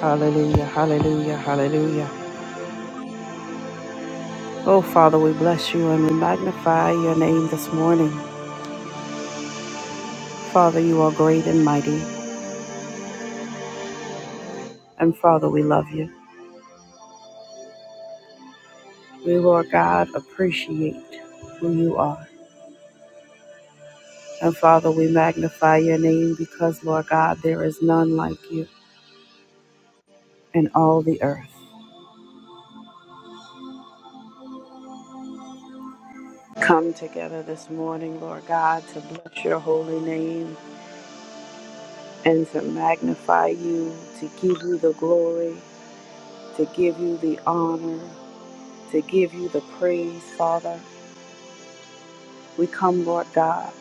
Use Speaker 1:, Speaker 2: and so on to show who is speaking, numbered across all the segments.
Speaker 1: Hallelujah, hallelujah, hallelujah. Oh, Father, we bless you and we magnify your name this morning. Father, you are great and mighty, and Father, we love you. We, Lord God, appreciate who you are. And Father, we magnify your name because, Lord God, there is none like you in all the earth. Come together this morning, Lord God, to bless your holy name and to magnify you, to give you the glory, to give you the honor to give you the praise, Father. We come, Lord God,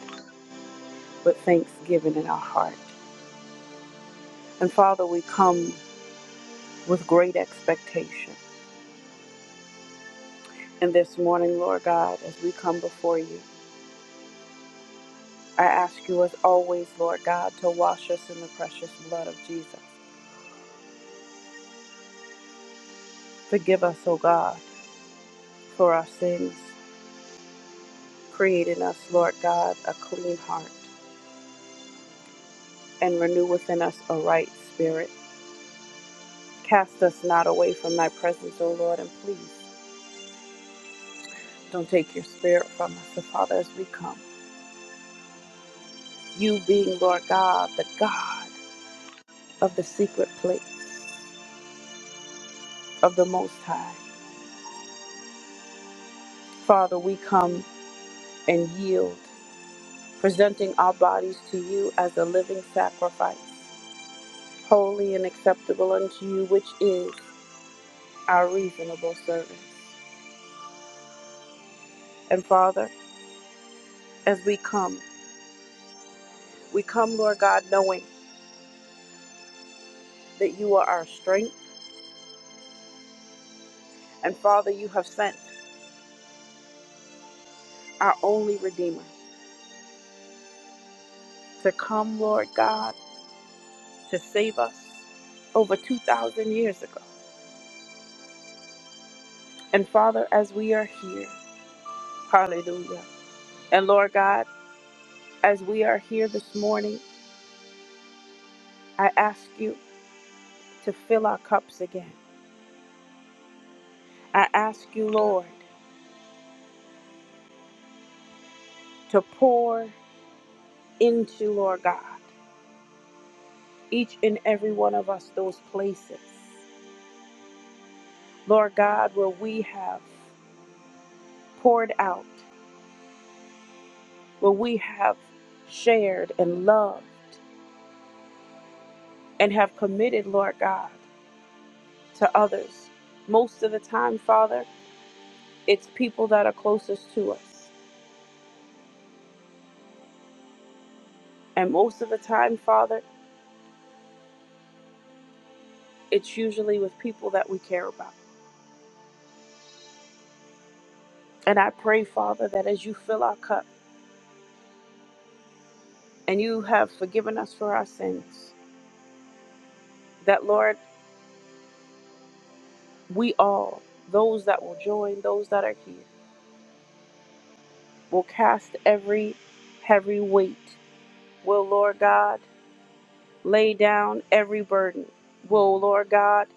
Speaker 1: with thanksgiving in our heart. And Father, we come with great expectation. And this morning, Lord God, as we come before you, I ask you as always, Lord God, to wash us in the precious blood of Jesus. Forgive us, O God, for our sins. Create in us, Lord God, a clean heart and renew within us a right spirit. Cast us not away from thy presence, O Lord, and please Don't take your spirit from us. So, Father, as we come, you being, Lord God, the God of the secret place of the Most High, Father, we come and yield, presenting our bodies to you as a living sacrifice, holy and acceptable unto you, which is our reasonable service. And, Father, as we come, we come, Lord God, knowing that you are our strength. And, Father, you have sent our only Redeemer to come, Lord God to save us over 2,000 years ago. And Father, as we are here, hallelujah. And Lord God, as we are here this morning, I ask you to fill our cups again. I ask you, Lord, to pour into, Lord God, each and every one of us those places, Lord God, where we have poured out, where we have shared and loved and have committed, Lord God. to others. Most of the time, Father, it's people that are closest to us. And most of the time, Father, it's usually with people that we care about. And I pray, Father, that as you fill our cup and you have forgiven us for our sins, that, Lord, we all, those that will join, those that are here, will cast every heavy weight. Will, Lord God, lay down every burden. Will, Lord God,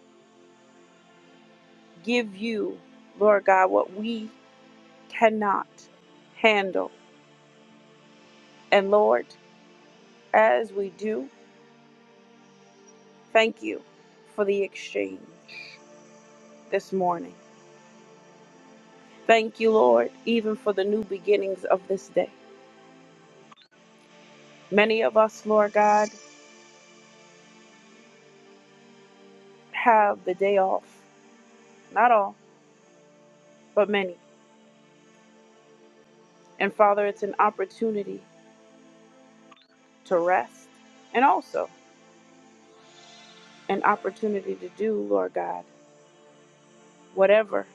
Speaker 1: give you, Lord God, what we cannot handle. And Lord, as we do, thank you for the exchange this morning. Thank you, Lord, even for the new beginnings of this day. Many of us, Lord God, have the day off. Not all, but many. And Father, it's an opportunity to rest and also an opportunity to do, Lord God, whatever,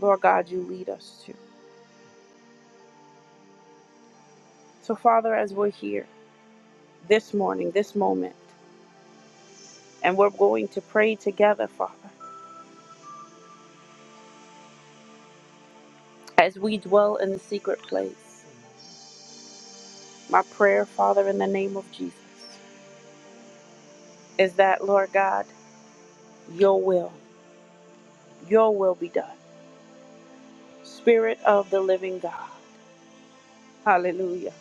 Speaker 1: Lord God, you lead us to. So, Father, as we're here this morning, this moment, And we're going to pray together, Father, as we dwell in the secret place. My prayer, Father, in the name of Jesus, is that, Lord God, your will, your will be done. Spirit of the living God, hallelujah,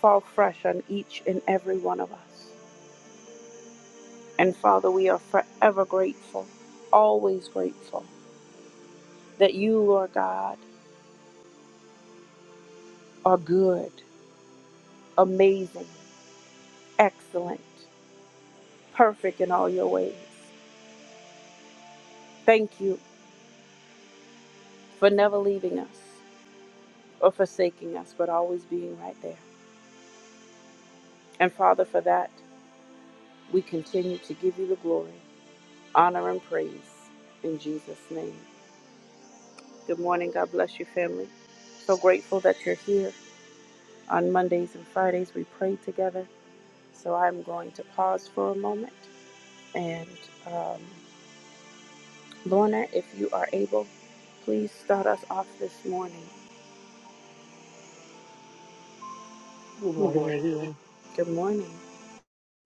Speaker 1: fall fresh on each and every one of us. And Father, we are forever grateful, always grateful that you, Lord God, are good, amazing, excellent, perfect in all your ways. Thank you for never leaving us or forsaking us, but always being right there. And Father, for that, we continue to give you the glory, honor, and praise in Jesus' name. Good morning. God bless you, family. So grateful that you're here. On Mondays and Fridays, we pray together. So I'm going to pause for a moment. And um, Lorna, if you are able, please start us off this morning.
Speaker 2: Good
Speaker 1: Good
Speaker 2: morning,
Speaker 1: morning.
Speaker 2: everyone.
Speaker 1: Good morning.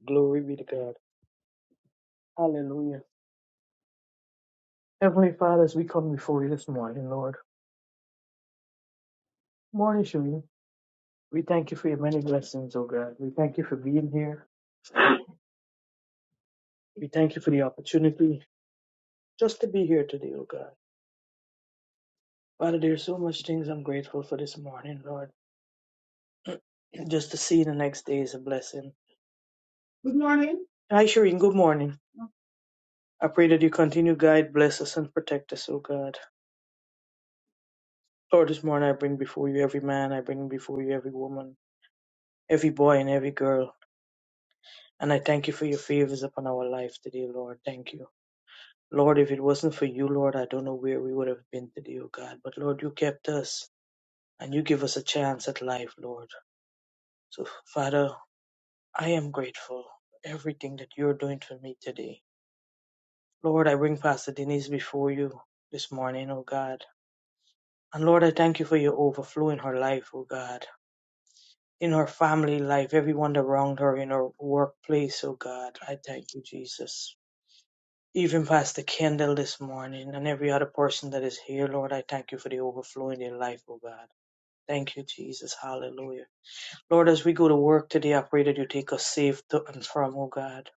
Speaker 2: Glory be to God. Hallelujah. Heavenly Father, as we come before you this morning, Lord. Morning, Shuyin. We thank you for your many blessings, oh God. We thank you for being here. We thank you for the opportunity just to be here today, oh God. Father, there's so much things I'm grateful for this morning, Lord. just to see the next day is a blessing. Good morning. Hi, Shireen. Good morning. I pray that you continue to guide, bless us, and protect us, oh God. Lord, this morning I bring before you every man, I bring before you every woman. every boy and every girl. And I thank you for your favors upon our life today, Lord. Thank you. Lord, if it wasn't for you, Lord, I don't know where we would have been today, oh God. But Lord, you kept us and you give us a chance at life, Lord. So, Father, I am grateful for everything that you're doing for me today. Lord, I bring Pastor Denise before you this morning, oh God. And Lord, I thank you for your overflow in her life, oh God. In her family life, everyone around her, in her workplace, oh God. I thank you, Jesus. Even Pastor Kendall this morning and every other person that is here, Lord, I thank you for the overflow in their life, oh God. Thank you, Jesus. Hallelujah. Lord, as we go to work today, I pray that you take us safe to and from, oh God.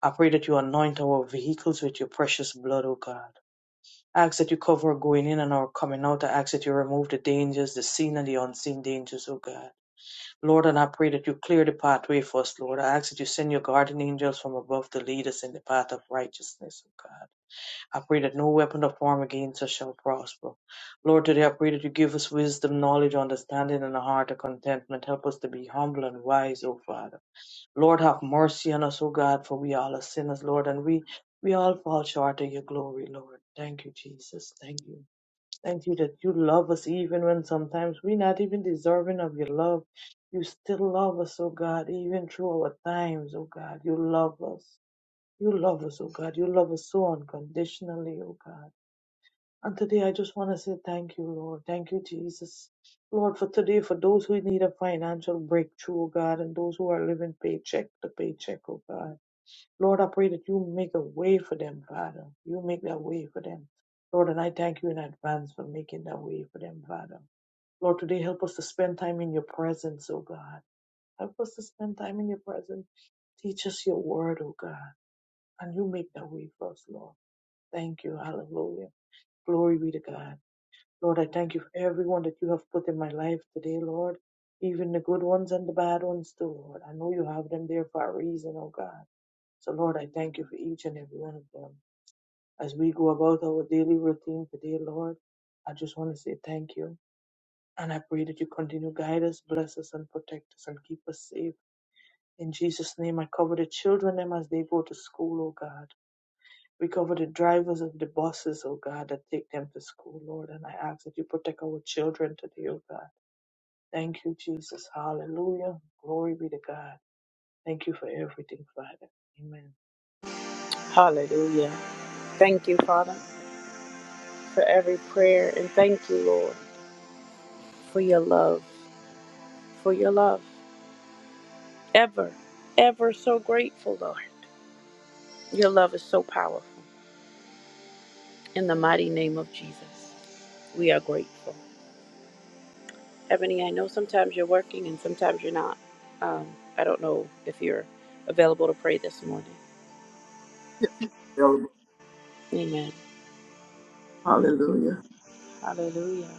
Speaker 2: I pray that you anoint our vehicles with your precious blood, oh God. I ask that you cover our going in and our coming out. I ask that you remove the dangers, the seen and the unseen dangers, oh God. Lord, and I pray that you clear the pathway for us, Lord. I ask that you send your guardian angels from above to lead us in the path of righteousness, oh God. I pray that no weapon of form against us shall prosper. Lord, today I pray that you give us wisdom, knowledge, understanding, and a heart of contentment. Help us to be humble and wise, O Father. Lord, have mercy on us, O God, for we all are sinners, Lord, and we, we all fall short of your glory, Lord. Thank you, Jesus. Thank you. Thank you that you love us even when sometimes we're not even deserving of your love. You still love us, O God, even through our times, O God. You love us. You love us, O God. You love us so unconditionally, O God. And today I just want to say thank you, Lord. Thank you, Jesus. Lord, for today, for those who need a financial breakthrough, oh God, and those who are living paycheck to paycheck, oh God. Lord, I pray that you make a way for them, Father. You make that way for them. Lord, and I thank you in advance for making that way for them, Father. Lord, today help us to spend time in your presence, oh God. Help us to spend time in your presence. Teach us your word, oh God. And you make that way for us, Lord. Thank you. Hallelujah. Glory be to God. Lord, I thank you for everyone that you have put in my life today, Lord, even the good ones and the bad ones too, Lord. I know you have them there for a reason, oh God. So, Lord, I thank you for each and every one of them. As we go about our daily routine today, Lord, I just want to say thank you. And I pray that you continue to guide us, bless us, and protect us, and keep us safe. In Jesus' name, I cover the children them as they go to school, oh God. We cover the drivers of the buses, oh God, that take them to school, Lord. And I ask that you protect our children today, oh God Thank you, Jesus. Hallelujah. Glory be to God. Thank you for everything, Father. Amen.
Speaker 1: Hallelujah. Thank you, Father. for every prayer. And thank you, Lord, for your love, for your love. Ever, ever so grateful, Lord. Your love is so powerful. In the mighty name of Jesus, we are grateful. Ebony, I know sometimes you're working and sometimes you're not. Um, I don't know if you're available to pray this morning.
Speaker 3: Yes, I'm available.
Speaker 1: Amen.
Speaker 3: Hallelujah.
Speaker 1: Hallelujah.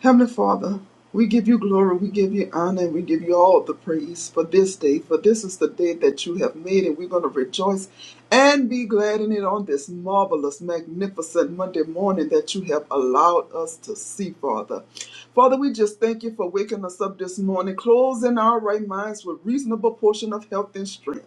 Speaker 3: Heavenly Father, we give you glory, we give you honor, and we give you all the praise for this day, for this is the day that you have made, and we're going to rejoice and be glad in it on this marvelous, magnificent Monday morning that you have allowed us to see, Father. Father, we just thank you for waking us up this morning, closing our right minds with reasonable portion of health and strength.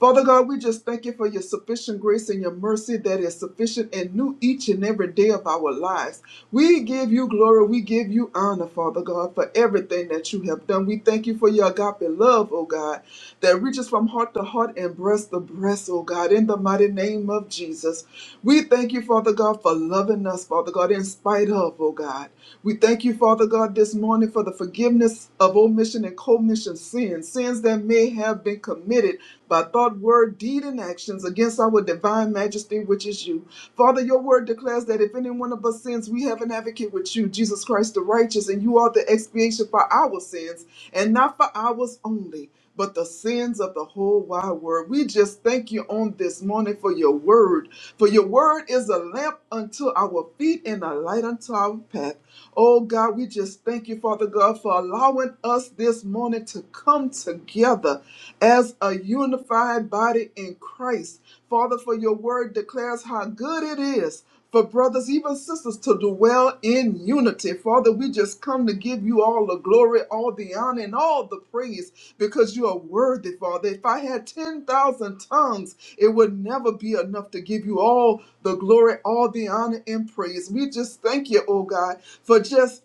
Speaker 3: Father God, we just thank you for your sufficient grace and your mercy that is sufficient and new each and every day of our lives. We give you glory. We give you honor, Father God, for everything that you have done. We thank you for your agape love, oh God, that reaches from heart to heart and breast to breast, oh God, in the mighty name of Jesus. We thank you, Father God, for loving us, Father God, in spite of, oh God. We thank you, Father God, this this morning for the forgiveness of omission and commission sins, sins that may have been committed by thought, word, deed, and actions against our divine majesty, which is you. Father, your word declares that if any one of us sins, we have an advocate with you, Jesus Christ the righteous, and you are the expiation for our sins, and not for ours only but the sins of the whole wide world. We just thank you on this morning for your word. For your word is a lamp unto our feet and a light unto our path. Oh God, we just thank you, Father God, for allowing us this morning to come together as a unified body in Christ. Father, for your word declares how good it is for brothers, even sisters, to dwell in unity. Father, we just come to give you all the glory, all the honor, and all the praise because you are worthy, Father. If I had 10,000 tongues, it would never be enough to give you all the glory, all the honor, and praise. We just thank you, oh God, for just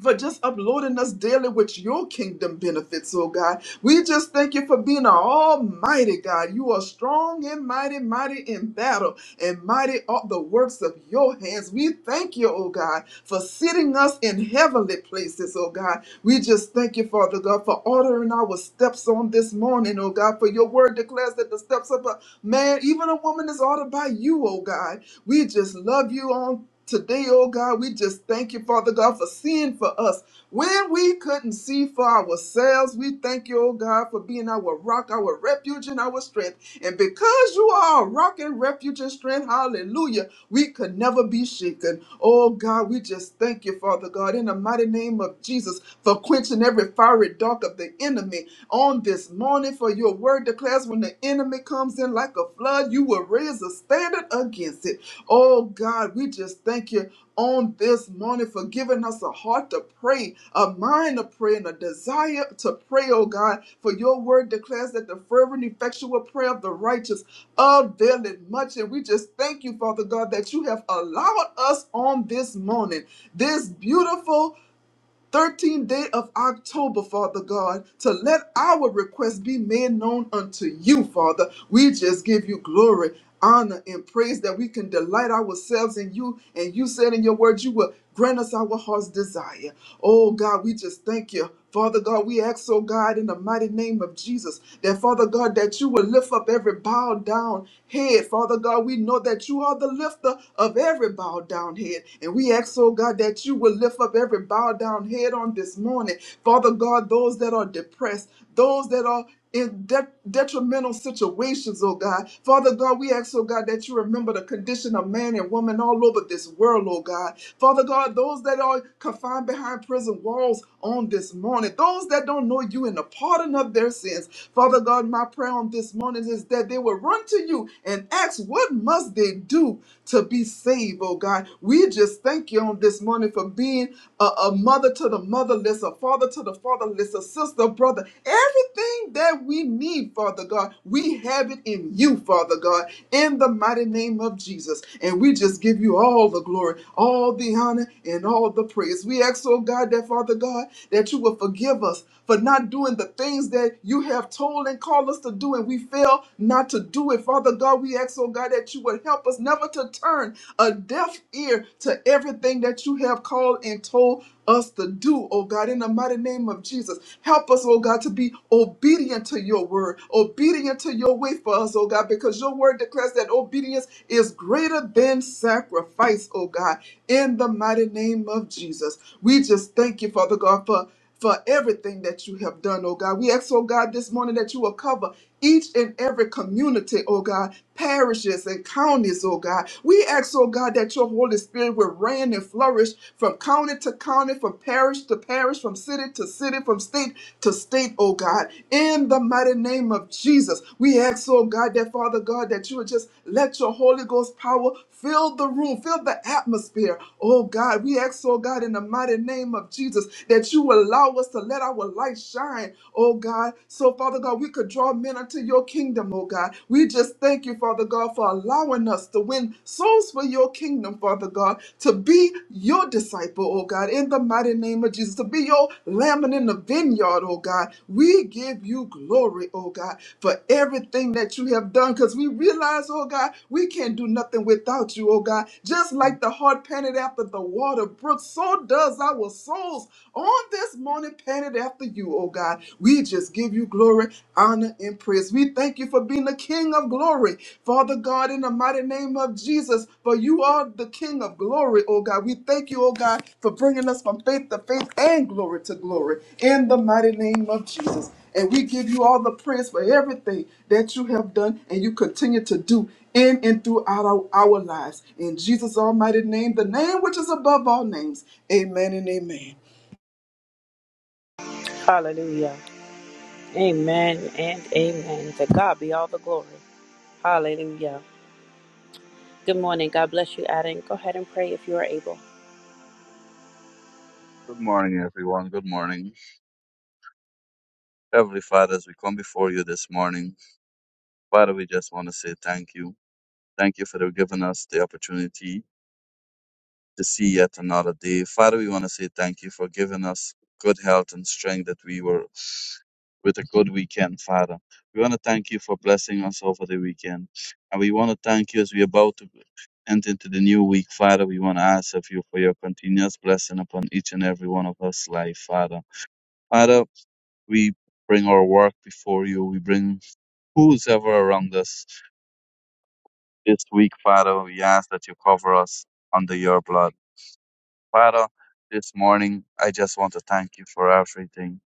Speaker 3: for just uploading us daily with your kingdom benefits, oh God. We just thank you for being an almighty God. You are strong and mighty, mighty in battle, and mighty are the works of your hands. We thank you, oh God, for sitting us in heavenly places, oh God. We just thank you, Father God, for ordering our steps on this morning, oh God, for your word declares that the steps of a man, even a woman, is ordered by you, oh God. We just love you on Today, oh God, we just thank you, Father God, for seeing for us. When we couldn't see for ourselves, we thank you, oh God, for being our rock, our refuge, and our strength. And because you are our rock and refuge and strength, hallelujah, we could never be shaken. Oh God, we just thank you, Father God, in the mighty name of Jesus, for quenching every fiery dark of the enemy on this morning. For your word declares when the enemy comes in like a flood, you will raise a standard against it. Oh God, we just thank you on this morning for giving us a heart to pray, a mind to pray, and a desire to pray, oh God. For your word declares that the fervent, effectual prayer of the righteous availeth much. And we just thank you, Father God, that you have allowed us on this morning, this beautiful 13th day of October, Father God, to let our request be made known unto you, Father. We just give you glory, honor, and praise that we can delight ourselves in you. And you said in your word, you will grant us our heart's desire. Oh God, we just thank you. Father God, we ask, oh God, in the mighty name of Jesus, that Father God, that you will lift up every bowed down head. Father God, we know that you are the lifter of every bowed down head. And we ask, oh God, that you will lift up every bowed down head on this morning. Father God, those that are depressed, those that are in de- detrimental situations, oh God. Father God, we ask, oh God, that you remember the condition of man and woman all over this world, oh God. Father God, those that are confined behind prison walls on this morning, those that don't know you and the pardon of their sins. Father God, my prayer on this morning is that they will run to you and ask, what must they do to be saved, oh God? We just thank you on this morning for being a, a mother to the motherless, a father mother to the fatherless, a sister, brother. Everything that we need, Father God, we have it in you, Father God, in the mighty name of Jesus. And we just give you all the glory, all the honor, and all the praise. We ask, oh God, that Father God, that you will forgive us for not doing the things that you have told and called us to do, and we fail not to do it. Father God, we ask, oh God, that you would help us never to turn a deaf ear to everything that you that you have called and told us to do, oh God, in the mighty name of Jesus. Help us, oh God, to be obedient to your word, obedient to your way for us, oh God, because your word declares that obedience is greater than sacrifice, oh God, in the mighty name of Jesus. We just thank you, Father God, for for everything that you have done, oh God. We ask, oh God, this morning that you will cover each and every community, oh God, parishes and counties, oh God. We ask, oh God, that your Holy Spirit will reign and flourish from county to county, from parish to parish, from city to city, from state to state, oh God. In the mighty name of Jesus, we ask, oh God, that Father God, that you would just let your Holy Ghost power fill the room, fill the atmosphere, oh God. We ask, oh God, in the mighty name of Jesus, that you you allow us to let our light shine, oh God. So, Father God, we could draw men unto your kingdom, oh God. We just thank you, Father God, for allowing us to win souls for your kingdom, Father God, to be your disciple, oh God, in the mighty name of Jesus, to be your lamb in the vineyard, oh God. We give you glory, oh God, for everything that you have done, because we realize, oh God, we can't do nothing without you, oh God. Just like the heart panted after the water brook, so does our souls on this morning, panted after you, oh God. We just give you glory, honor, and praise. We thank you for being the King of glory, Father God, in the mighty name of Jesus, for you are the King of glory, oh God. We thank you, oh God, for bringing us from faith to faith and glory to glory in the mighty name of Jesus. And we give you all the praise for everything that you have done and you continue to do in and throughout our, our lives. In Jesus' almighty name, the name which is above all names. Amen and amen.
Speaker 1: Hallelujah. Amen and amen. To God be all the glory. Hallelujah. Good morning. God bless you, Adam. Go ahead and pray if you are able.
Speaker 4: Good morning, everyone. Good morning. Heavenly Father, as we come before you this morning, Father, we just want to say thank you. Thank you for giving us the opportunity to see yet another day. Father, we want to say thank you for giving us good health and strength that we were with a good weekend, Father. We want to thank you for blessing us over the weekend. And we want to thank you as we're about to enter into the new week, Father. We want to ask of you for your continuous blessing upon each and every one of us life, Father. Father, We bring our work before you. We bring who's ever around us this week, Father. We ask that you cover us under your blood. Father, this morning, I just want to thank you for everything.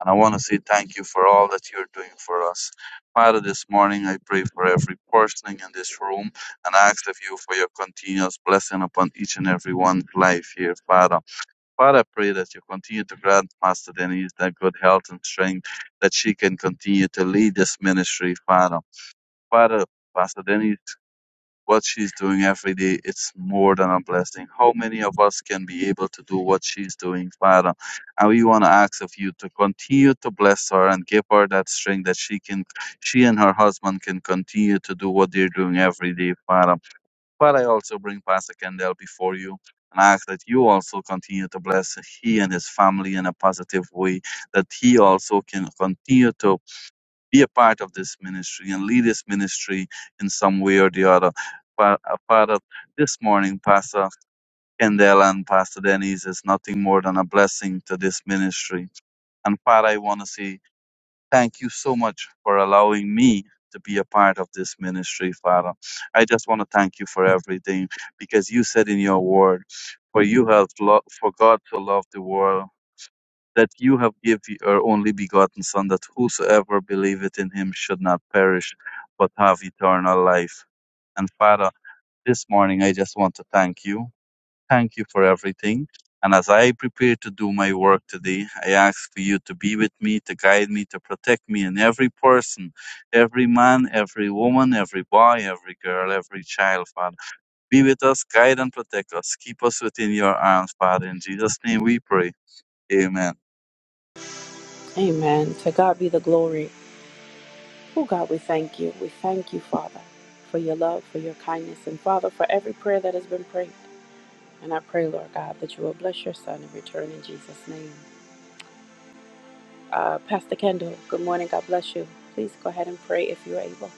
Speaker 4: And I want to say thank you for all that you're doing for us. Father, this morning I pray for every person in this room and ask of you for your continuous blessing upon each and every one's life here, Father. Father, I pray that you continue to grant Pastor Denise that good health and strength, that she can continue to lead this ministry, Father. Father, Pastor Denise, what she's doing every day, it's more than a blessing. How many of us can be able to do what she's doing, Father? And we want to ask of you to continue to bless her and give her that strength that she can, she and her husband can continue to do what they're doing every day, Father. But I also bring Pastor Kendall before you and ask that you also continue to bless he and his family in a positive way, that he also can continue to be a part of this ministry and lead this ministry in some way or the other. Fa- uh, Father, this morning, Pastor Kendall and Pastor Denise is nothing more than a blessing to this ministry. And Father, I want to say Thank you so much for allowing me to be a part of this ministry, Father. I just want to thank you for everything because you said in your word, for you have lo- for God to love the world that you have given your only begotten Son, that whosoever believeth in him should not perish, but have eternal life. And Father, this morning I just want to thank you Thank you for everything. And as I prepare to do my work today, I ask for you to be with me, to guide me, to protect me and every person, every man, every woman, every boy, every girl, every child, Father. Be with us, guide and protect us. Keep us within your arms, Father. In Jesus' name we pray. Amen.
Speaker 1: Amen. To God be the glory. Oh God, we thank you. We thank you, Father, for your love, for your kindness, and Father, for every prayer that has been prayed. And I pray, Lord God, that you will bless your son in return in Jesus' name. Uh, Pastor Kendall, good morning. God bless you. Please go ahead and pray if you're able.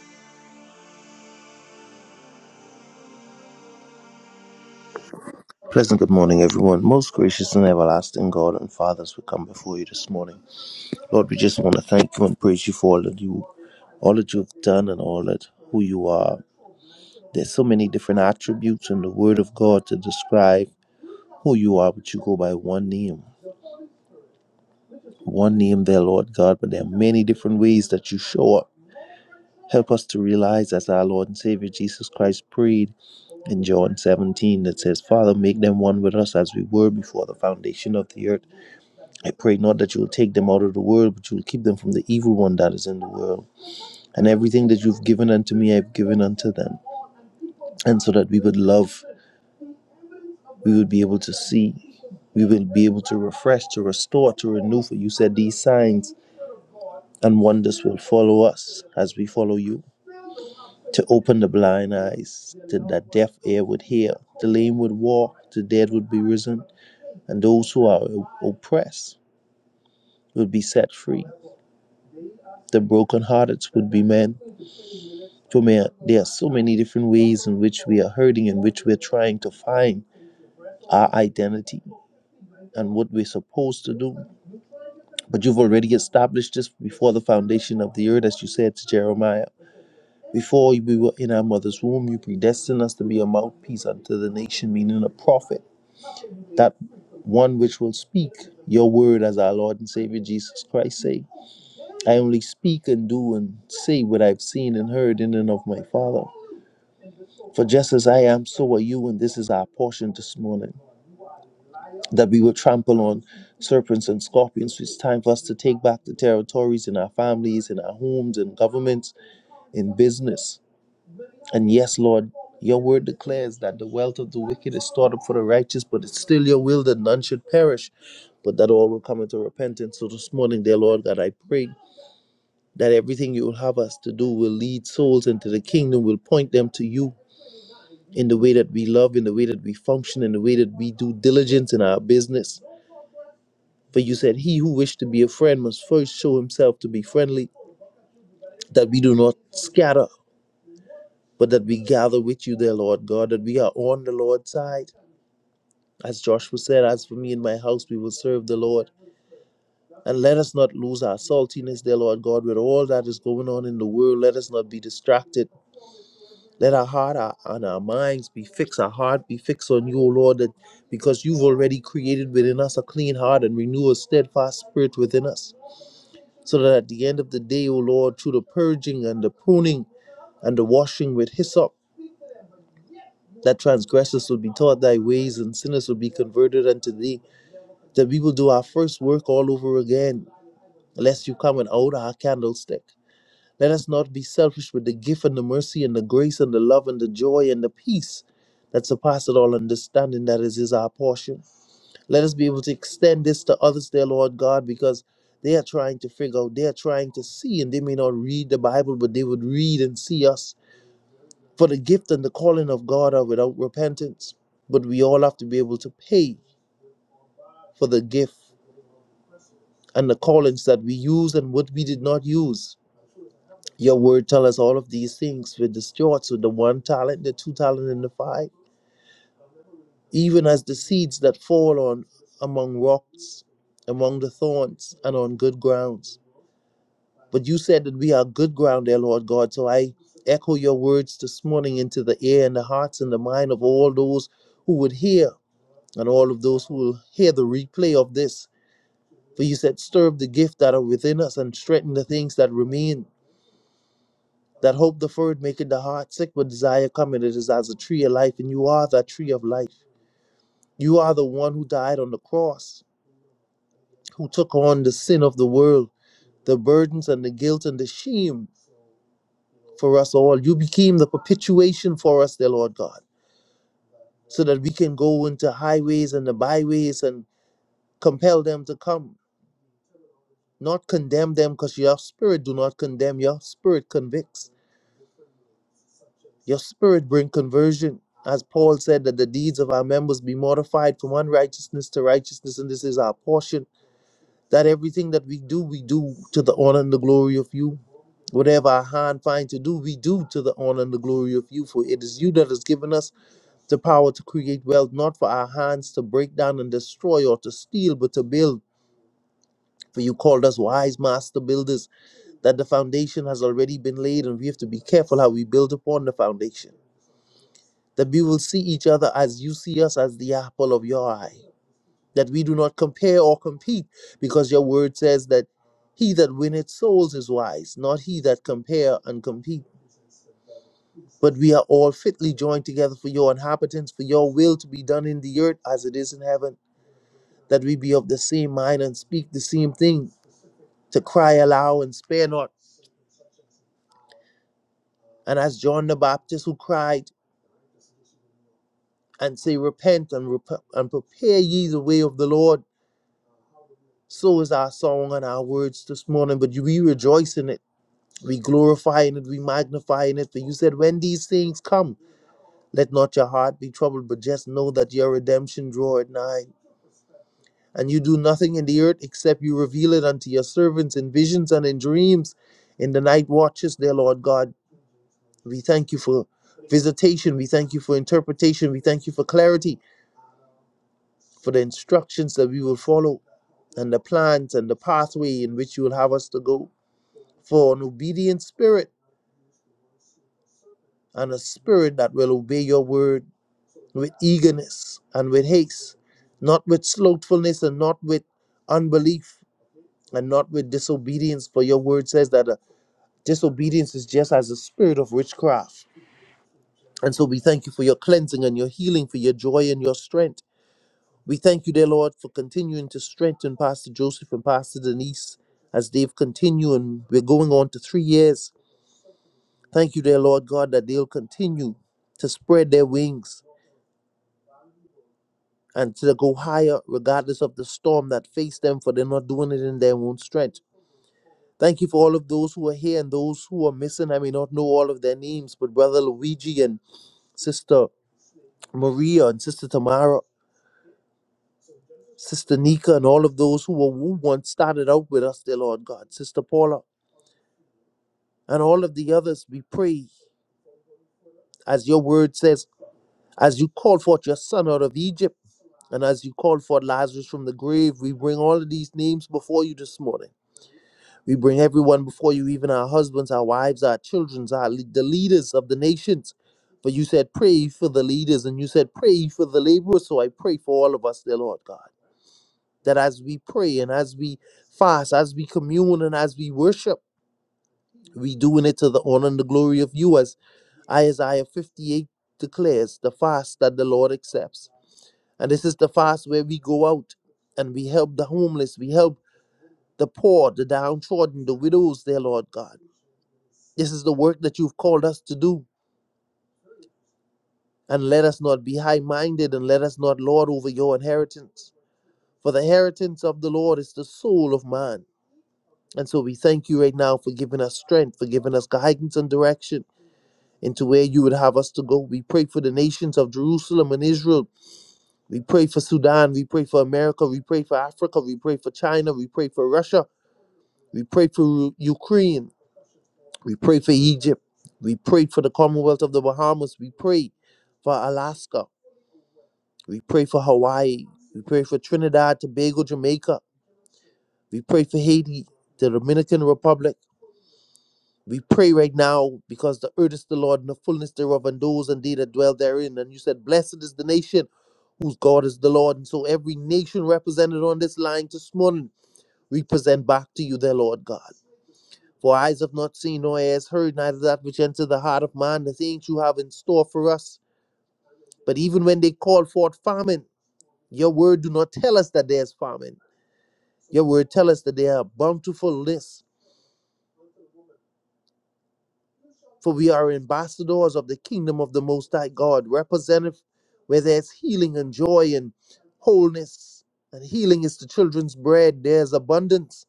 Speaker 5: Pleasant good morning, everyone. Most gracious and everlasting God and Fathers, we come before you this morning. Lord, we just want to thank you and praise you for all that you, all that you've done, and all that who you are. There's so many different attributes in the Word of God to describe who you are, but you go by one name, one name there, Lord God. But there are many different ways that you show up. Help us to realize, as our Lord and Savior Jesus Christ prayed in John 17, that says, "Father, make them one with us as we were before the foundation of the earth." I pray not that you will take them out of the world, but you will keep them from the evil one that is in the world. And everything that you've given unto me, I've given unto them. And so that we would love, we would be able to see, we will be able to refresh, to restore, to renew. For you said these signs and wonders will follow us as we follow you. To open the blind eyes, to that deaf ear would hear, the lame would walk, the dead would be risen, and those who are oppressed would be set free. The brokenhearted would be men For me, there are so many different ways in which we are hurting, in which we're trying to find our identity and what we're supposed to do. But you've already established this before the foundation of the earth, as you said to Jeremiah. Before we were in our mother's womb, you predestined us to be a mouthpiece unto the nation, meaning a prophet, that one which will speak your word as our Lord and Savior Jesus Christ say. I only speak and do and say what I've seen and heard in and of my Father. For just as I am, so are you, and this is our portion this morning. That we will trample on serpents and scorpions. It's time for us to take back the territories in our families, in our homes, in governments, in business. And yes, Lord, your word declares that the wealth of the wicked is stored up for the righteous, but it's still your will that none should perish, but that all will come into repentance. So this morning, dear Lord, that I pray that everything you will have us to do will lead souls into the kingdom, will point them to you in the way that we love, in the way that we function, in the way that we do diligence in our business. For you said, He who wished to be a friend must first show himself to be friendly, that we do not scatter, but that we gather with you, dear Lord God, that we are on the Lord's side. As Joshua said, As for me and my house, we will serve the Lord. And let us not lose our saltiness, dear Lord God, with all that is going on in the world. Let us not be distracted Let our heart our, and our minds be fixed, our heart be fixed on you, O Lord, that because you've already created within us a clean heart and renew a steadfast spirit within us. So that at the end of the day, O Lord, through the purging and the pruning and the washing with hyssop, that transgressors will be taught thy ways and sinners will be converted unto thee, that we will do our first work all over again, lest you come and out our candlestick. Let us not be selfish with the gift and the mercy and the grace and the love and the joy and the peace that surpasses all understanding that is, is our portion. Let us be able to extend this to others, dear Lord God, because they are trying to figure out, they are trying to see, and they may not read the Bible, but they would read and see us. For the gift and the calling of God are without repentance. But we all have to be able to pay for the gift and the callings that we use and what we did not use. Your word tell us all of these things with the stewards with the one talent, the two talent, and the five. Even as the seeds that fall on among rocks, among the thorns, and on good grounds. But you said that we are good ground, there, Lord God. So I echo your words this morning into the ear and the hearts and the mind of all those who would hear, and all of those who will hear the replay of this. For you said, stir up the gift that are within us and strengthen the things that remain That hope deferred maketh the heart sick, but desire cometh. It is as a tree of life, and you are that tree of life. You are the one who died on the cross, who took on the sin of the world, the burdens and the guilt and the shame for us all. You became the perpetuation for us, dear Lord God, so that we can go into highways and the byways and compel them to come, not condemn them, because your spirit do not condemn, your spirit convicts. Your spirit bring conversion. As Paul said, that the deeds of our members be mortified from unrighteousness to righteousness, and this is our portion. That everything that we do, we do to the honor and the glory of you. Whatever our hand find to do, we do to the honor and the glory of you. For it is you that has given us the power to create wealth, not for our hands to break down and destroy or to steal, but to build. For you called us wise master builders, that the foundation has already been laid, and we have to be careful how we build upon the foundation. that we will see each other as you see us as the apple of your eye, that we do not compare or compete, because your word says that he that winneth souls is wise, not he that compare and compete. But we are all fitly joined together for your inhabitants, for your will to be done in the earth as it is in heaven, that we be of the same mind and speak the same thing, to cry aloud and spare not. And as John the Baptist who cried and say, Repent and, rep- and prepare ye the way of the Lord So is our song and our words this morning, but we rejoice in it. We glorify in it, we magnify in it. For you said, When these things come, let not your heart be troubled, but just know that your redemption draweth nigh. And you do nothing in the earth except you reveal it unto your servants in visions and in dreams in the night watches, dear Lord God. We thank you for visitation. We thank you for interpretation. We thank you for clarity, for the instructions that we will follow, and the plans and the pathway in which you will have us to go. for an obedient spirit and a spirit that will obey your word with eagerness and with haste, not with slothfulness and not with unbelief and not with disobedience. For your word says that uh, disobedience is just as a spirit of witchcraft. And so we thank you for your cleansing and your healing, for your joy and your strength. We thank you, dear Lord, for continuing to strengthen Pastor Joseph and Pastor Denise as they've continued. And we're going on to three years Thank you, dear Lord God, that they'll continue to spread their wings and to go higher regardless of the storm that faced them, for they're not doing it in their own strength. Thank you for all of those who are here and those who are missing. I may not know all of their names, but Brother Luigi and Sister Maria and Sister Tamara, Sister Nika, and all of those who were who once started out with us, dear Lord God, Sister Paula, and all of the others, we pray, as your word says, as you called forth your son out of Egypt. And as you called for Lazarus from the grave, we bring all of these names before you this morning. We bring everyone before you, even our husbands, our wives, our children, our le- the leaders of the nations. For you said, pray for the leaders, and you said, pray for the laborers. So I pray for all of us, dear Lord God, that as we pray and as we fast, as we commune and as we worship, we doing it to the honor and the glory of you, as Isaiah 58 declares, the fast that the Lord accepts. And this is the fast where we go out and we help the homeless, we help the poor, the downtrodden, the widows, dear Lord God. This is the work that you've called us to do. And let us not be high minded and let us not lord over your inheritance. For the inheritance of the Lord is the soul of man. And so we thank you right now for giving us strength, for giving us guidance and direction into where you would have us to go. We pray for the nations of Jerusalem and Israel. We pray for Sudan. We pray for America. We pray for Africa. We pray for China. We pray for Russia. We pray for Ukraine. We pray for Egypt. We pray for the Commonwealth of the Bahamas. We pray for Alaska. We pray for Hawaii. We pray for Trinidad, Tobago, Jamaica. We pray for Haiti, the Dominican Republic. We pray right now because the earth is the Lord and the fullness thereof and those and they that dwell therein. And you said, Blessed is the nation whose God is the Lord. And so every nation represented on this line this morning, we present back to you, their Lord God. For eyes have not seen, nor ears heard, neither that which entered the heart of man, the things you have in store for us. But even when they call forth famine, your word do not tell us that there's famine. Your word tell us that there are bountiful lists. For we are ambassadors of the kingdom of the Most High God, representative where there's healing and joy and wholeness. And healing is the children's bread, there's abundance.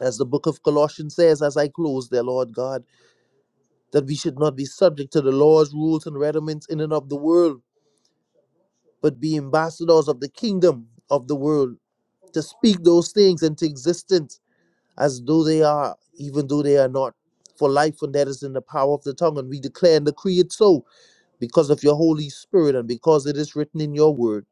Speaker 5: As the book of Colossians says, as I close, dear Lord God, that we should not be subject to the laws, rules, and rudiments in and of the world but be ambassadors of the kingdom of the world, to speak those things into existence as though they are, even though they are not. For life and death is in the power of the tongue, and we declare and decree it so because of your Holy Spirit and because it is written in your word.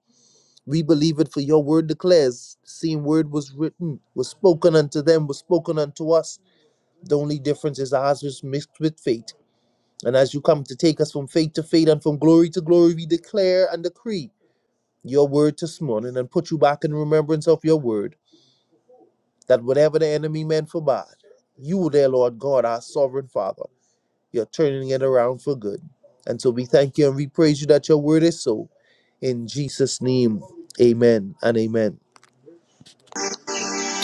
Speaker 5: We believe it, for your word declares, the same word was written, was spoken unto them, was spoken unto us. The only difference is ours was mixed with faith. And as you come to take us from faith to faith and from glory to glory, we declare and decree your word this morning and put you back in remembrance of your word that whatever the enemy meant for bad, you, dear Lord God, our sovereign Father, you're turning it around for good. And so we thank you and we praise you that your word is so. In Jesus' name, amen and amen.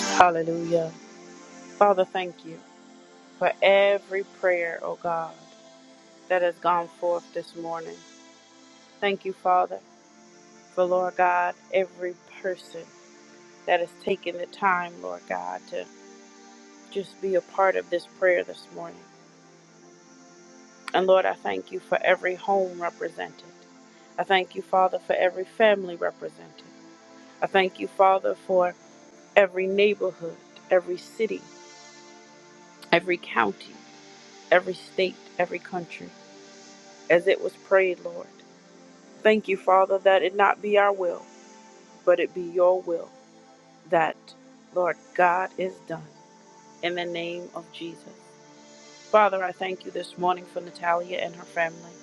Speaker 1: Hallelujah. Father, thank you for every prayer, oh God, that has gone forth this morning. Thank you, Father, for Lord God, every person that has taken the time, Lord God, to just be a part of this prayer this morning. And Lord, I thank you for every home represented. I thank you, Father, for every family represented. I thank you, Father, for every neighborhood, every city, every county, every state, every country, as it was prayed, Lord. Thank you, Father, that it not be our will, but it be your will, that, Lord, God is done. In the name of Jesus. Father, I thank you this morning for Natalia and her family.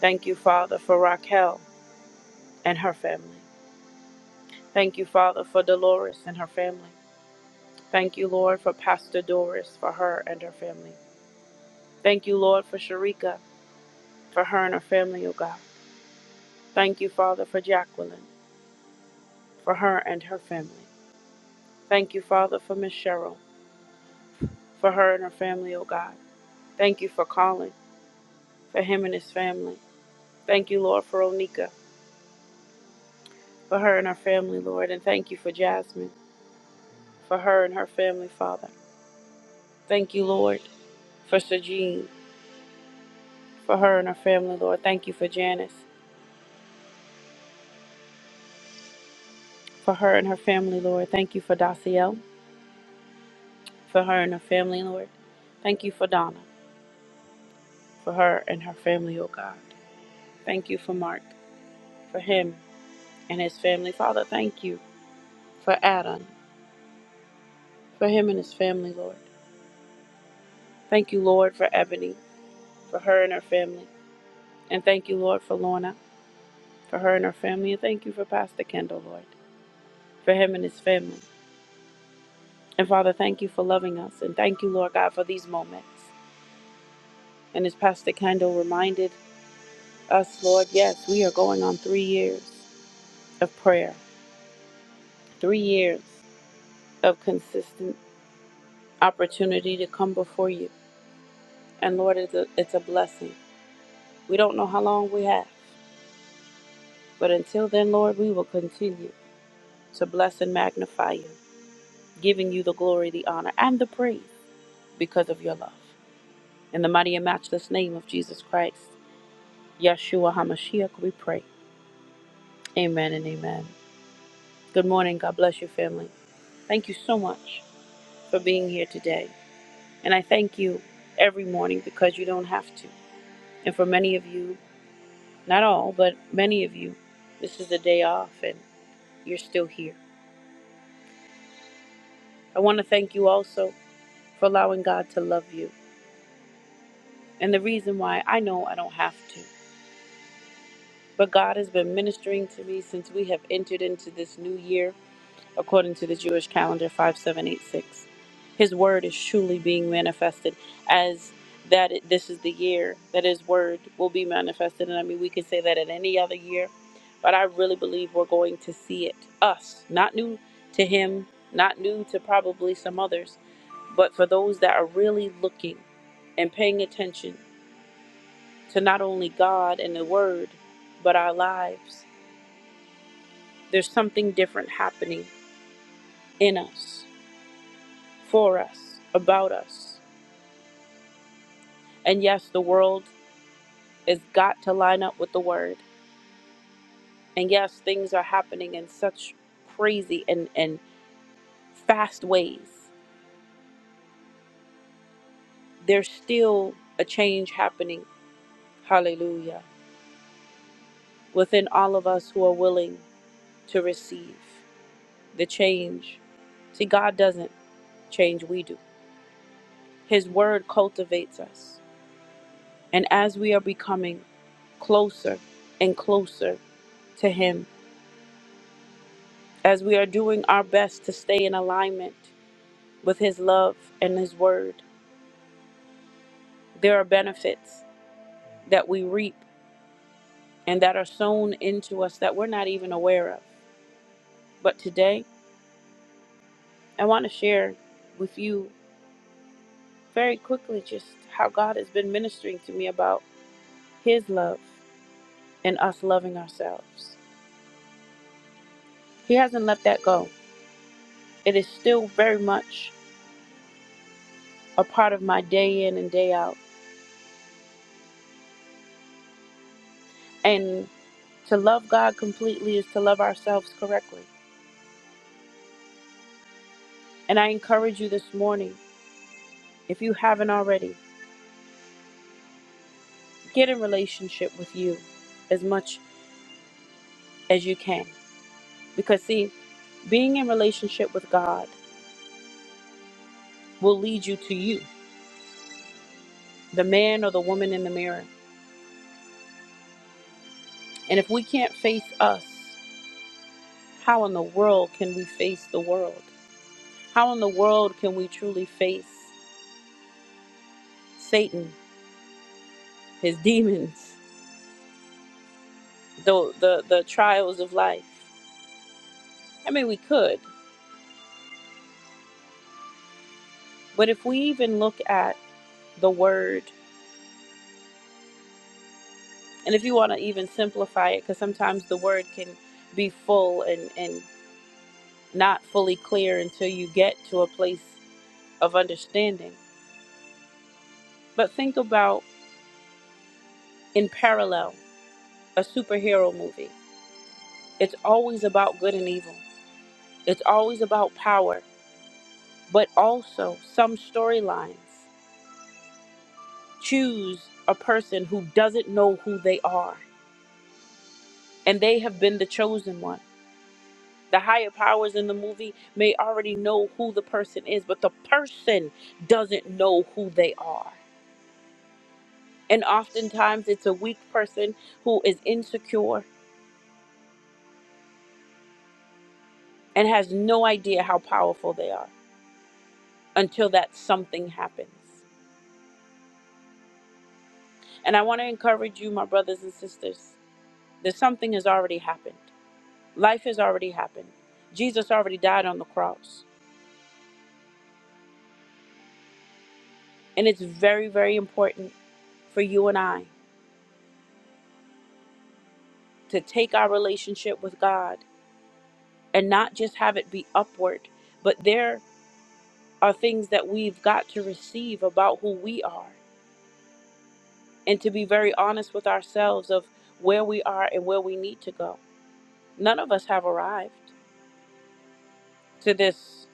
Speaker 1: Thank you, Father, for Raquel and her family. Thank you, Father, for Dolores and her family. Thank you, Lord, for Pastor Doris, for her and her family. Thank you, Lord, for Sharika, for her and her family, O God. Thank you, Father, for Jacqueline, for her and her family. Thank you, Father, for Miss Cheryl, for her and her family, O God. Thank you for Colin, for him and his family. Thank you, Lord, for Onika, for her and her family, Lord. And thank you for Jasmine, for her and her family, Father. Thank you, Lord, for Sajin, for her and her family, Lord. Thank you for Janice, for her and her family, Lord. Thank you for Daciel, for her and her family, Lord. Thank you for Donna, for her and her family, oh God. Thank you for Mark, for him and his family. Father, thank you for Adam, for him and his family, Lord. Thank you, Lord, for Ebony, for her and her family. And thank you, Lord, for Lorna, for her and her family. And thank you for Pastor Kendall, Lord, for him and his family. And Father, thank you for loving us. And thank you, Lord God, for these moments. And as Pastor Kendall reminded us, Lord, yes, we are going on three years of prayer, three years of consistent opportunity to come before you. And Lord, it's a, it's a blessing. We don't know how long we have. But until then, Lord, we will continue to bless and magnify you, giving you the glory, the honor, and the praise because of your love. In the mighty and matchless name of Jesus Christ, Yeshua HaMashiach, we pray. Amen and amen. Good morning. God bless your family. Thank you so much for being here today. And I thank you every morning because you don't have to. And for many of you, not all, but many of you, this is a day off and you're still here. I want to thank you also for allowing God to love you. And the reason why I know I don't have to, but God has been ministering to me since we have entered into this new year. according to the Jewish calendar 5786. His word is truly being manifested as that it, this is the year that his word will be manifested. And I mean, we could say that at any other year, but I really believe we're going to see it. Us, not new to him, not new to probably some others, but for those that are really looking and paying attention to not only God and the word, but our lives, there's something different happening in us for us, about us. And yes, the world has got to line up with the word. And yes, things are happening in such crazy and, and fast ways. There's still a change happening, hallelujah, within all of us who are willing to receive the change. See, God doesn't change, we do. His word cultivates us. And as we are becoming closer and closer to Him, as we are doing our best to stay in alignment with His love and His word, there are benefits that we reap and that are sown into us that we're not even aware of. But today, I want to share with you very quickly just how God has been ministering to me about His love and us loving ourselves. He hasn't let that go, it is still very much a part of my day in and day out. And to love God completely is to love ourselves correctly And I encourage you this morning, if you haven't already, get in relationship with you as much as you can. Because, see, being in relationship with God will lead you to you, the man or the woman in the mirror. And if we can't face us, how in the world can we face the world? How in the world can we truly face Satan, his demons, the, the, the trials of life? I mean, we could, but if we even look at the word And if you want to even simplify it, because sometimes the word can be full and, and not fully clear until you get to a place of understanding. But think about in parallel a superhero movie. It's always about good and evil, it's always about power, but also some storylines choose a person who doesn't know who they are and they have been the chosen one. The higher powers in the movie may already know who the person is, but the person doesn't know who they are. And oftentimes it's a weak person who is insecure and has no idea how powerful they are until that something happens. And I want to encourage you, my brothers and sisters, that something has already happened. Life has already happened. Jesus already died on the cross. And it's very, very important for you and I to take our relationship with God and not just have it be upward, but there are things that we've got to receive about who we are and to be very honest with ourselves of where we are and where we need to go. None of us have arrived to this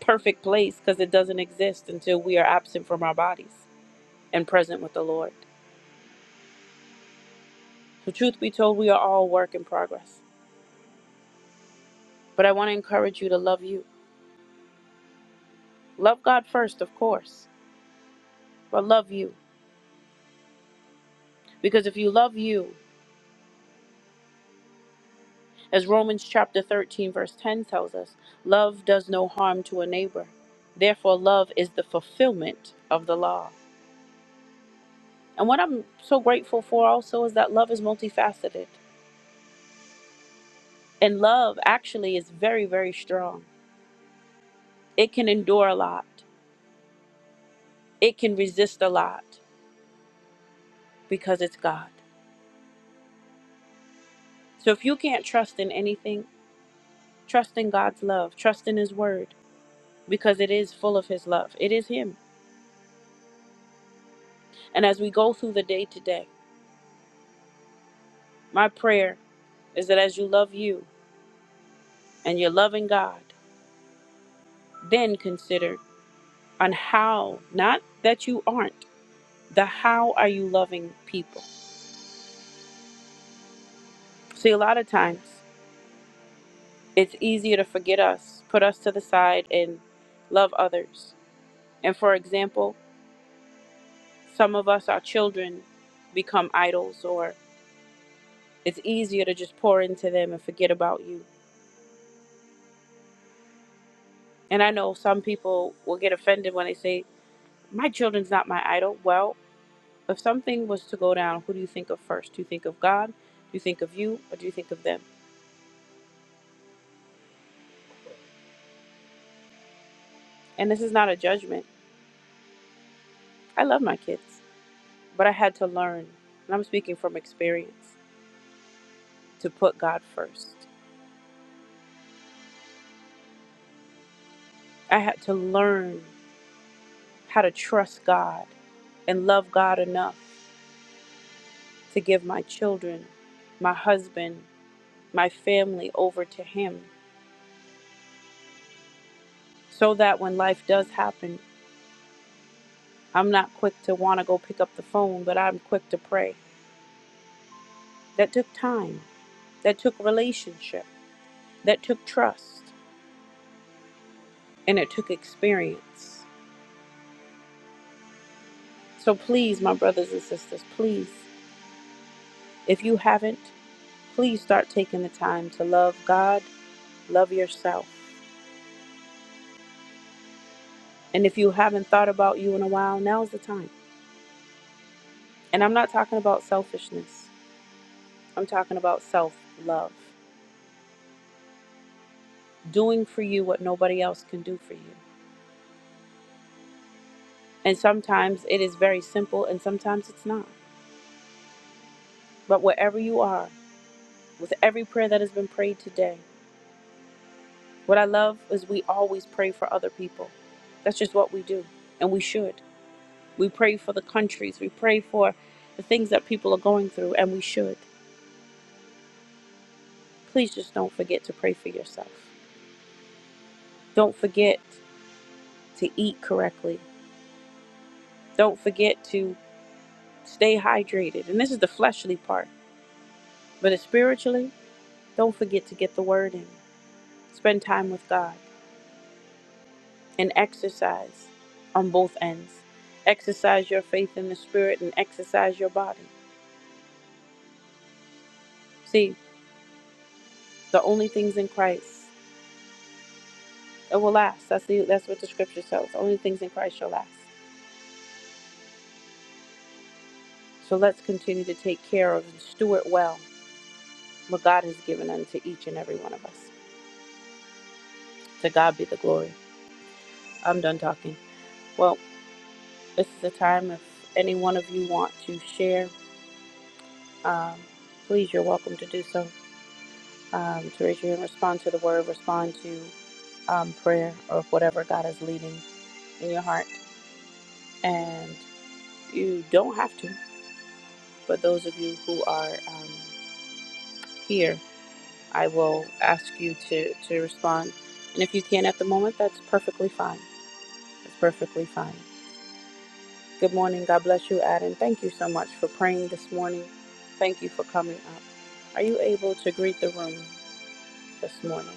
Speaker 1: perfect place because it doesn't exist until we are absent from our bodies and present with the Lord. So, truth be told, we are all work in progress. But I want to encourage you to love you. Love God first, of course, but love you. Because if you love you, As Romans chapter 13, verse 10 tells us, love does no harm to a neighbor. Therefore, love is the fulfillment of the law. And what I'm so grateful for also is that love is multifaceted. And love actually is very, very strong. It can endure a lot, it can resist a lot because it's God. So if you can't trust in anything, trust in God's love, trust in His word because it is full of His love. It is Him. And as we go through the day today. My prayer is that as you love you and you're loving God, then consider on how, not that you aren't, the how are you loving people. See, a lot of times it's easier to forget us, put us to the side, and love others. And for example, some of us, our children, become idols, or it's easier to just pour into them and forget about you. And I know some people will get offended when they say, My children's not my idol. Well, If something was to go down, who do you think of first? Do you think of God? Do you think of you? Or do you think of them? And this is not a judgment. I love my kids, but I had to learn, and I'm speaking from experience, to put God first. I had to learn how to trust God and love God enough to give my children, my husband, my family over to Him so that when life does happen, I'm not quick to want to go pick up the phone, but I'm quick to pray. that took time, that took relationship, that took trust, and it took experience. So please, my brothers and sisters, please, if you haven't, please start taking the time to love God, love yourself. And if you haven't thought about you in a while, now's the time. And I'm not talking about selfishness, I'm talking about self love, doing for you what nobody else can do for you. And sometimes it is very simple, and sometimes it's not. But wherever you are, with every prayer that has been prayed today. What I love is we always pray for other people. That's just what we do, and we should. We pray for the countries, we pray for the things that people are going through, and we should. Please just don't forget to pray for yourself. Don't forget to eat correctly. Don't forget to stay hydrated. And this is the fleshly part, but spiritually, don't forget to get the word in. Spend time with God. and exercise on both ends. Exercise your faith in the spirit and exercise your body. See, the only things in Christ it will last. That's the that's what the scripture says. Only things in Christ shall last. So let's continue to take care of and steward well what God has given unto each and every one of us. To God be the glory. I'm done talking. Well, this is the time if any one of you want to share, um, please you're welcome to do so. Um, to raise your hand, respond to the word, respond to um, prayer or whatever God is leading in your heart. And you don't have to, but those of you who are um, here, I will ask you to, to respond. And if you can at the moment, that's perfectly fine. It's perfectly fine. Good morning. God bless you, Adam. Thank you so much for praying this morning. Thank you for coming up. Are you able to greet the room this morning?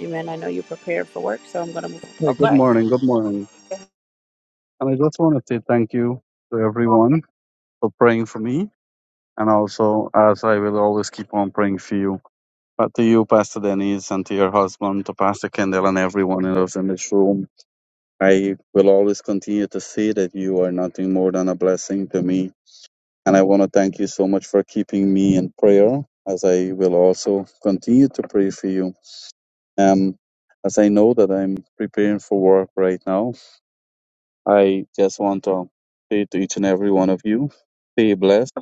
Speaker 1: Amen. I know you're prepared for work, so I'm going to move
Speaker 4: Hey,
Speaker 1: on.
Speaker 4: good
Speaker 1: Okay.
Speaker 4: morning. Good morning. And I just want to say thank you to everyone for praying for me. And also, as I will always keep on praying for you. But to you, Pastor Denise, and to your husband, to Pastor Kendall, and everyone else in this room, I will always continue to say that you are nothing more than a blessing to me. And I want to thank you so much for keeping me in prayer, as I will also continue to pray for you. Um, as I know that I'm preparing for work right now, I just want to say to each and every one of you, stay blessed.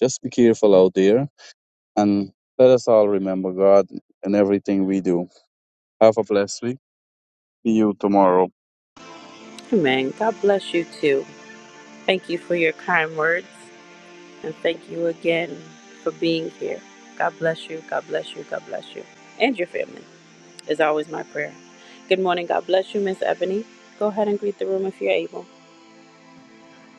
Speaker 4: Just be careful out there, and let us all remember God in everything we do. Have a blessed week you tomorrow
Speaker 1: Amen. God bless you too. Thank you for your kind words. And thank you again for being here. God bless you. God bless you. God bless you. And your family is always my prayer. Good morning. God bless you, Miss Ebony. Go ahead and greet the room if you're able.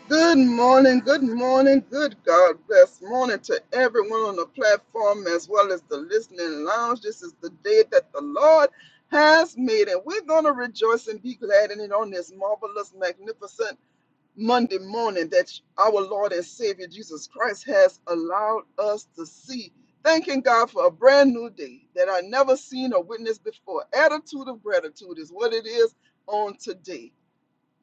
Speaker 3: Good morning, good morning, good God bless morning to everyone on the platform as well as the listening lounge. This is the day that the Lord has made, and we're going to rejoice and be glad in it on this marvelous, magnificent Monday morning that our Lord and Savior Jesus Christ has allowed us to see. Thanking God for a brand new day that I never seen or witnessed before. Attitude of gratitude is what it is on today.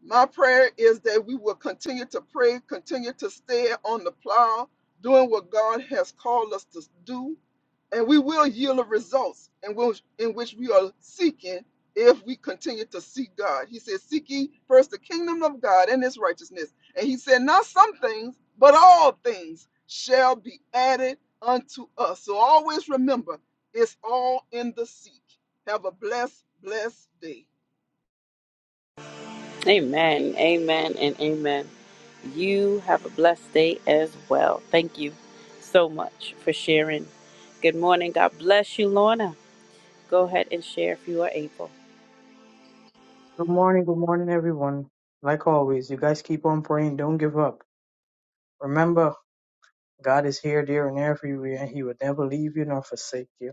Speaker 3: My prayer is that we will continue to pray, continue to stay on the plow, doing what God has called us to do, and we will yield the results in which, in which we are seeking if we continue to seek God. He said, Seek ye first the kingdom of God and his righteousness. And he said, Not some things, but all things shall be added unto us. So always remember, it's all in the seek. Have a blessed, blessed day.
Speaker 1: Amen. Amen. And amen. You have a blessed day as well. Thank you so much for sharing. Good morning. God bless you, Lorna. Go ahead and share if you are able.
Speaker 2: Good morning, good morning, everyone. Like always, you guys keep on praying. Don't give up. Remember, God is here, there, and everywhere, and He will never leave you nor forsake you.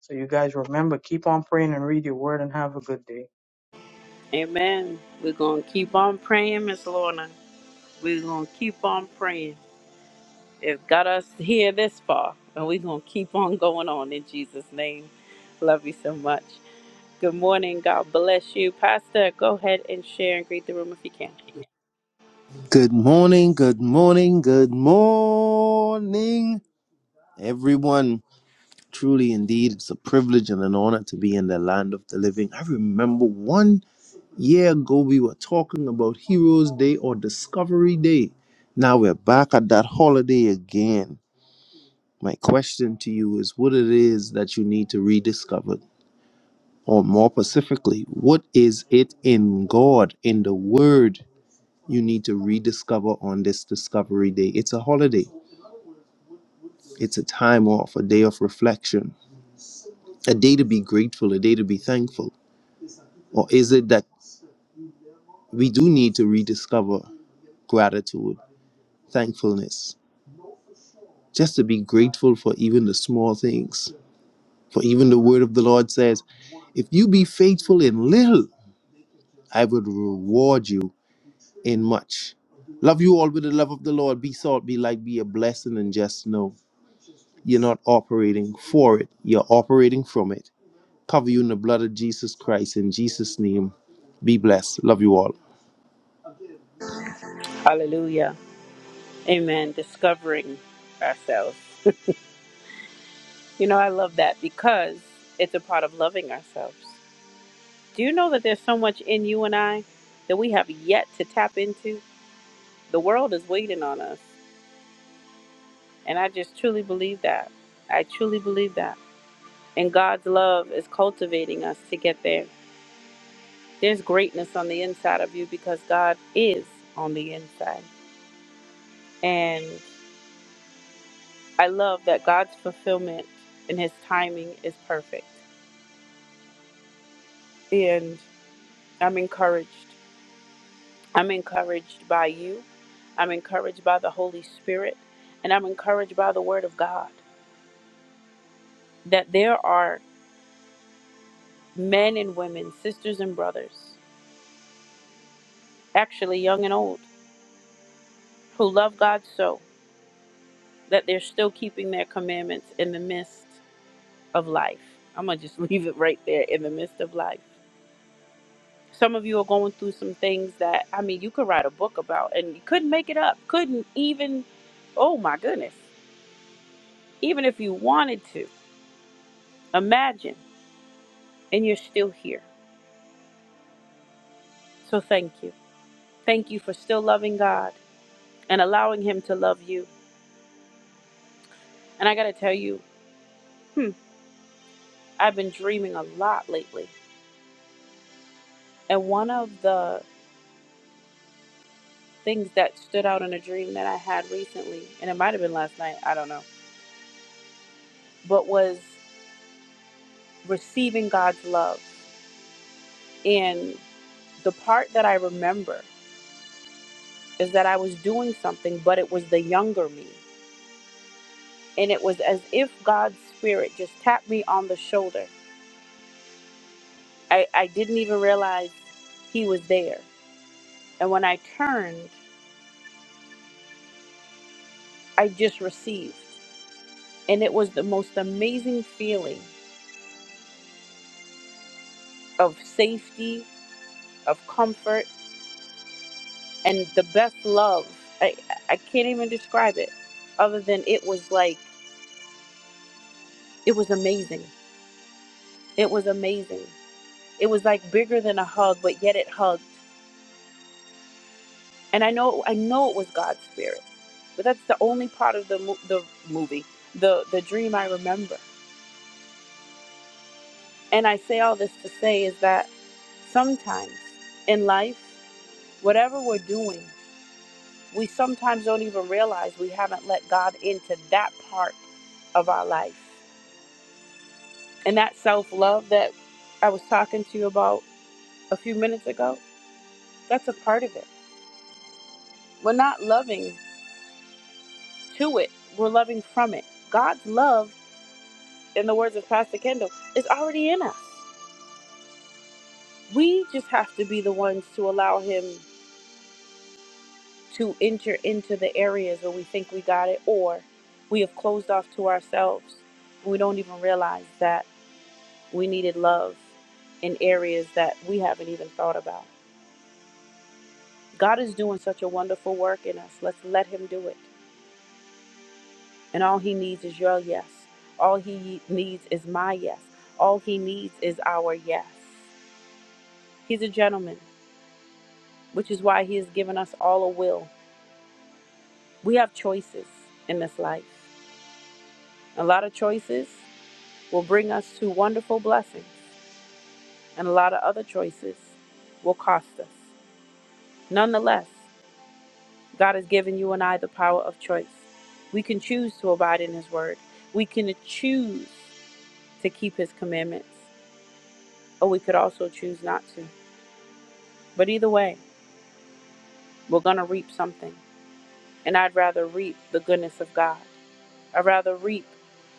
Speaker 2: So, you guys remember, keep on praying and read your word and have a good day.
Speaker 1: Amen. We're going to keep on praying, Miss Lorna. We're going to keep on praying. It got us here this far, and we're going to keep on going on in Jesus' name. Love you so much. Good morning. God bless you. Pastor, go ahead and share and greet the room if you can.
Speaker 5: Good morning, good morning, good morning, everyone. Truly, indeed, it's a privilege and an honor to be in the land of the living. I remember one year ago we were talking about Heroes Day or Discovery Day. Now we're back at that holiday again. My question to you is what it is that you need to rediscover, or more specifically, what is it in God, in the Word, you need to rediscover on this Discovery Day? It's a holiday, it's a time off, a day of reflection, a day to be grateful, a day to be thankful. Or is it that we do need to rediscover gratitude, thankfulness? just to be grateful for even the small things. For even the word of the Lord says, If you be faithful in little, I would reward you in much. Love you all with the love of the Lord. Be salt, be light, be a blessing, and just know you're not operating for it, you're operating from it. Cover you in the blood of Jesus Christ. In Jesus' name, be blessed. Love you all.
Speaker 1: Hallelujah. Amen. Discovering ourselves. You know, I love that because it's a part of loving ourselves. Do you know that there's so much in you and I that we have yet to tap into? The world is waiting on us. And I just truly believe that. I truly believe that. And God's love is cultivating us to get there. There's greatness on the inside of you because God is on the inside. And I love that God's fulfillment and his timing is perfect. And I'm encouraged. I'm encouraged by you. I'm encouraged by the Holy Spirit. And I'm encouraged by the Word of God that there are men and women, sisters and brothers, actually young and old, who love God so. that they're still keeping their commandments in the midst of life. I'm going to just leave it right there in the midst of life. Some of you are going through some things that, I mean, you could write a book about and you couldn't make it up. Couldn't even, oh my goodness, even if you wanted to, imagine, and you're still here. So thank you. Thank you for still loving God and allowing Him to love you. And I got to tell you, hmm, I've been dreaming a lot lately. And one of the things that stood out in a dream that I had recently, and it might have been last night, I don't know, but was receiving God's love. And the part that I remember is that I was doing something, but it was the younger me. And it was as if God's spirit just tapped me on the shoulder. I, I didn't even realize he was there. And when I turned, I just received. And it was the most amazing feeling of safety, of comfort. and the best love. I, I can't even describe it other than it was like, it was amazing. It was amazing. It was like bigger than a hug, but yet it hugged. And I know, I know it was God's spirit, but that's the only part of the, mo- the movie, the, the dream I remember. And I say all this to say is that sometimes in life, whatever we're doing, we sometimes don't even realize we haven't let God into that part of our life. And that self love that I was talking to you about a few minutes ago, that's a part of it. We're not loving to it, we're loving from it. God's love, in the words of Pastor Kendall, is already in us. We just have to be the ones to allow Him to enter into the areas where we think we got it or we have closed off to ourselves. We don't even realize that we needed love in areas that we haven't even thought about. God is doing such a wonderful work in us. Let's let Him do it. And all he needs is your yes. All he needs is my yes. All he needs is our yes. He's a gentleman, which is why he has given us all a will. We have choices in this life. A lot of choices will bring us to wonderful blessings, and a lot of other choices will cost us. Nonetheless, God has given you and I the power of choice. We can choose to abide in his word. We can choose to keep his commandments, or we could also choose not to. But either way, we're going to reap something. And I'd rather reap the goodness of God. I'd rather reap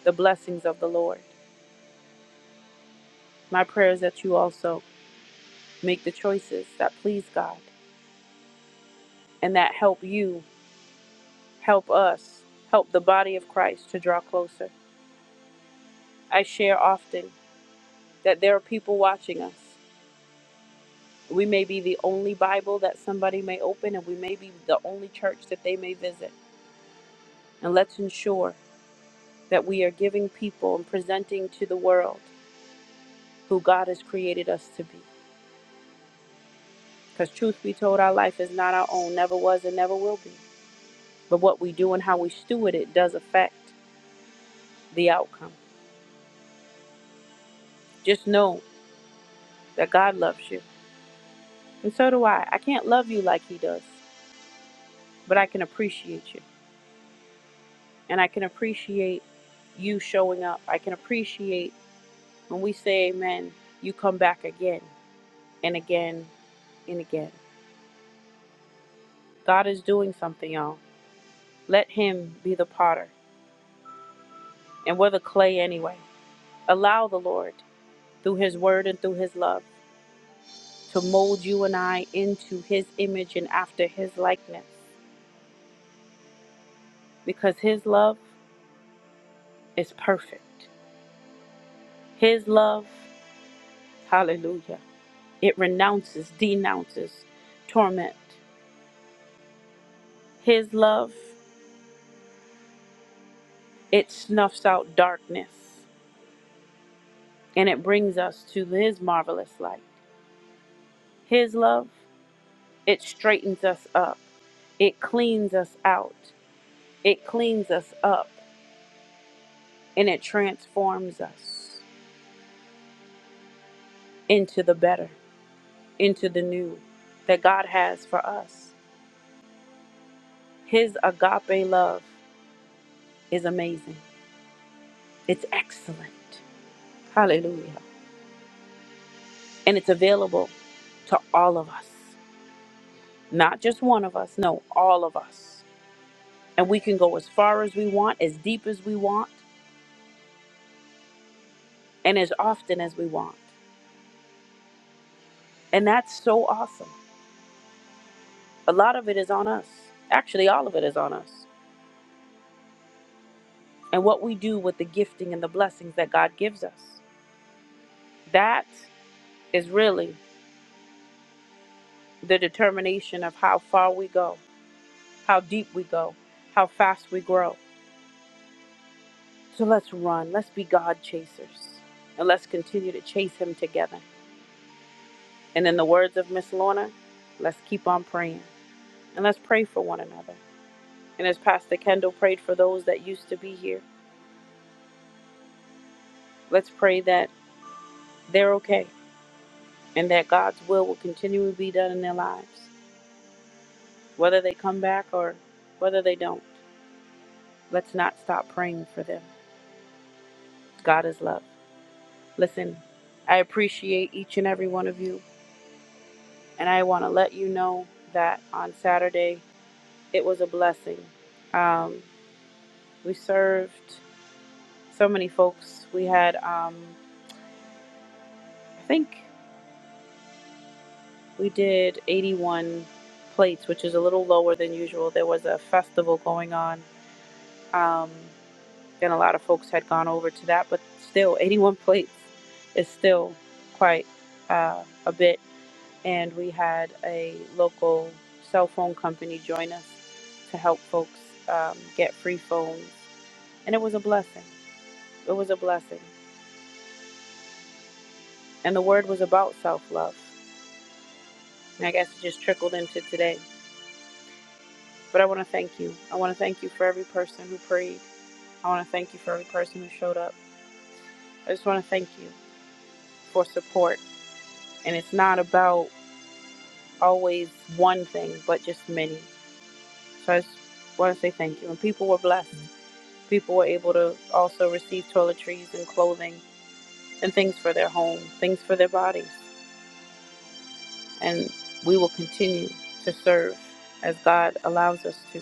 Speaker 1: the blessings of the Lord. My prayer is that you also make the choices that please God and that help you, help us, help the body of Christ to draw closer. I share often that there are people watching us. We may be the only Bible that somebody may open, and we may be the only church that they may visit. And let's ensure that we are giving people and presenting to the world who God has created us to be. Because truth be told, our life is not our own, never was and never will be. But what we do and how we steward it does affect the outcome. Just know that God loves you. And so do I. I can't love you like He does, but I can appreciate you. And I can appreciate you showing up. I can appreciate when we say amen, you come back again and again and again. God is doing something, y'all. Let Him be the potter. And we're the clay anyway. Allow the Lord. through His Word and through His love to mold you and I into His image and after His likeness because His love is perfect. His love, hallelujah, it renounces, denounces torment. His love, it snuffs out darkness and it brings us to His marvelous light. His love, it straightens us up, it cleans us out, it cleans us up, and it transforms us. into the better, into the new that God has for us. His agape love is amazing, it's excellent. Hallelujah. And it's available to all of us, not just one of us, no, all of us. And we can go as far as we want, as deep as we want, and as often as we want. And that's so awesome. A lot of it is on us. Actually, all of it is on us. And what we do with the gifting and the blessings that God gives us. That is really the determination of how far we go, how deep we go, how fast we grow. So let's run. Let's be God chasers. And let's continue to chase Him together. And in the words of Miss Lorna, let's keep on praying. And let's pray for one another. And as Pastor Kendall prayed for those that used to be here, let's pray that they're okay and that God's will will continually be done in their lives, whether they come back or whether they don't. Let's not stop praying for them. God is love. Listen, I appreciate each and every one of you, and I want to let you know that on Saturday it was a blessing. Um, we served so many folks. We had, um, I think, we did 81 plates, which is a little lower than usual. There was a festival going on, um, and a lot of folks had gone over to that, but still, 81 plates is still quite uh, a bit. and we had a local cell phone company join us to help folks um, get free phones. And it was a blessing. It was a blessing. And the word was about self love. And I guess it just trickled into today. But I want to thank you. I want to thank you for every person who prayed. I want to thank you for every person who showed up. I just want to thank you for support. And it's not about always one thing, but just many. So I just want to say thank you. And people were blessed. people were able to also receive toiletries and clothing and things for their home, things for their bodies. And we will continue to serve as God allows us to.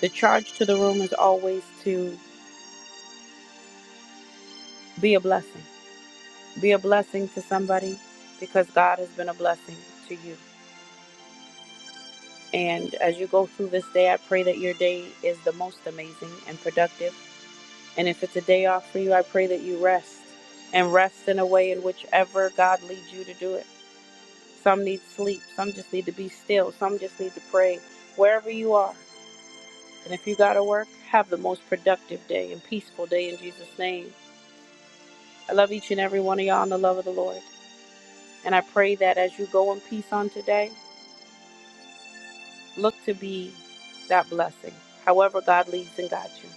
Speaker 1: The charge to the room is always to be a blessing. Be a blessing to somebody because God has been a blessing to you. And as you go through this day, I pray that your day is the most amazing and productive. And if it's a day off for you, I pray that you rest and rest in a way in whichever God leads you to do it Some need sleep. Some just need to be still. Some just need to pray. Wherever you are. And if you got to work, have the most productive day and peaceful day in Jesus' name. I love each and every one of y'all in the love of the Lord. And I pray that as you go in peace on today, look to be that blessing, however God leads and guides you.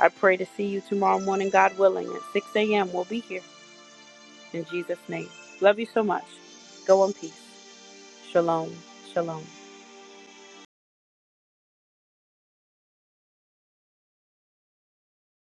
Speaker 1: I pray to see you tomorrow morning, God willing, at 6 a.m. We'll be here in Jesus' name. Love you so much. Go in peace. Shalom. Shalom.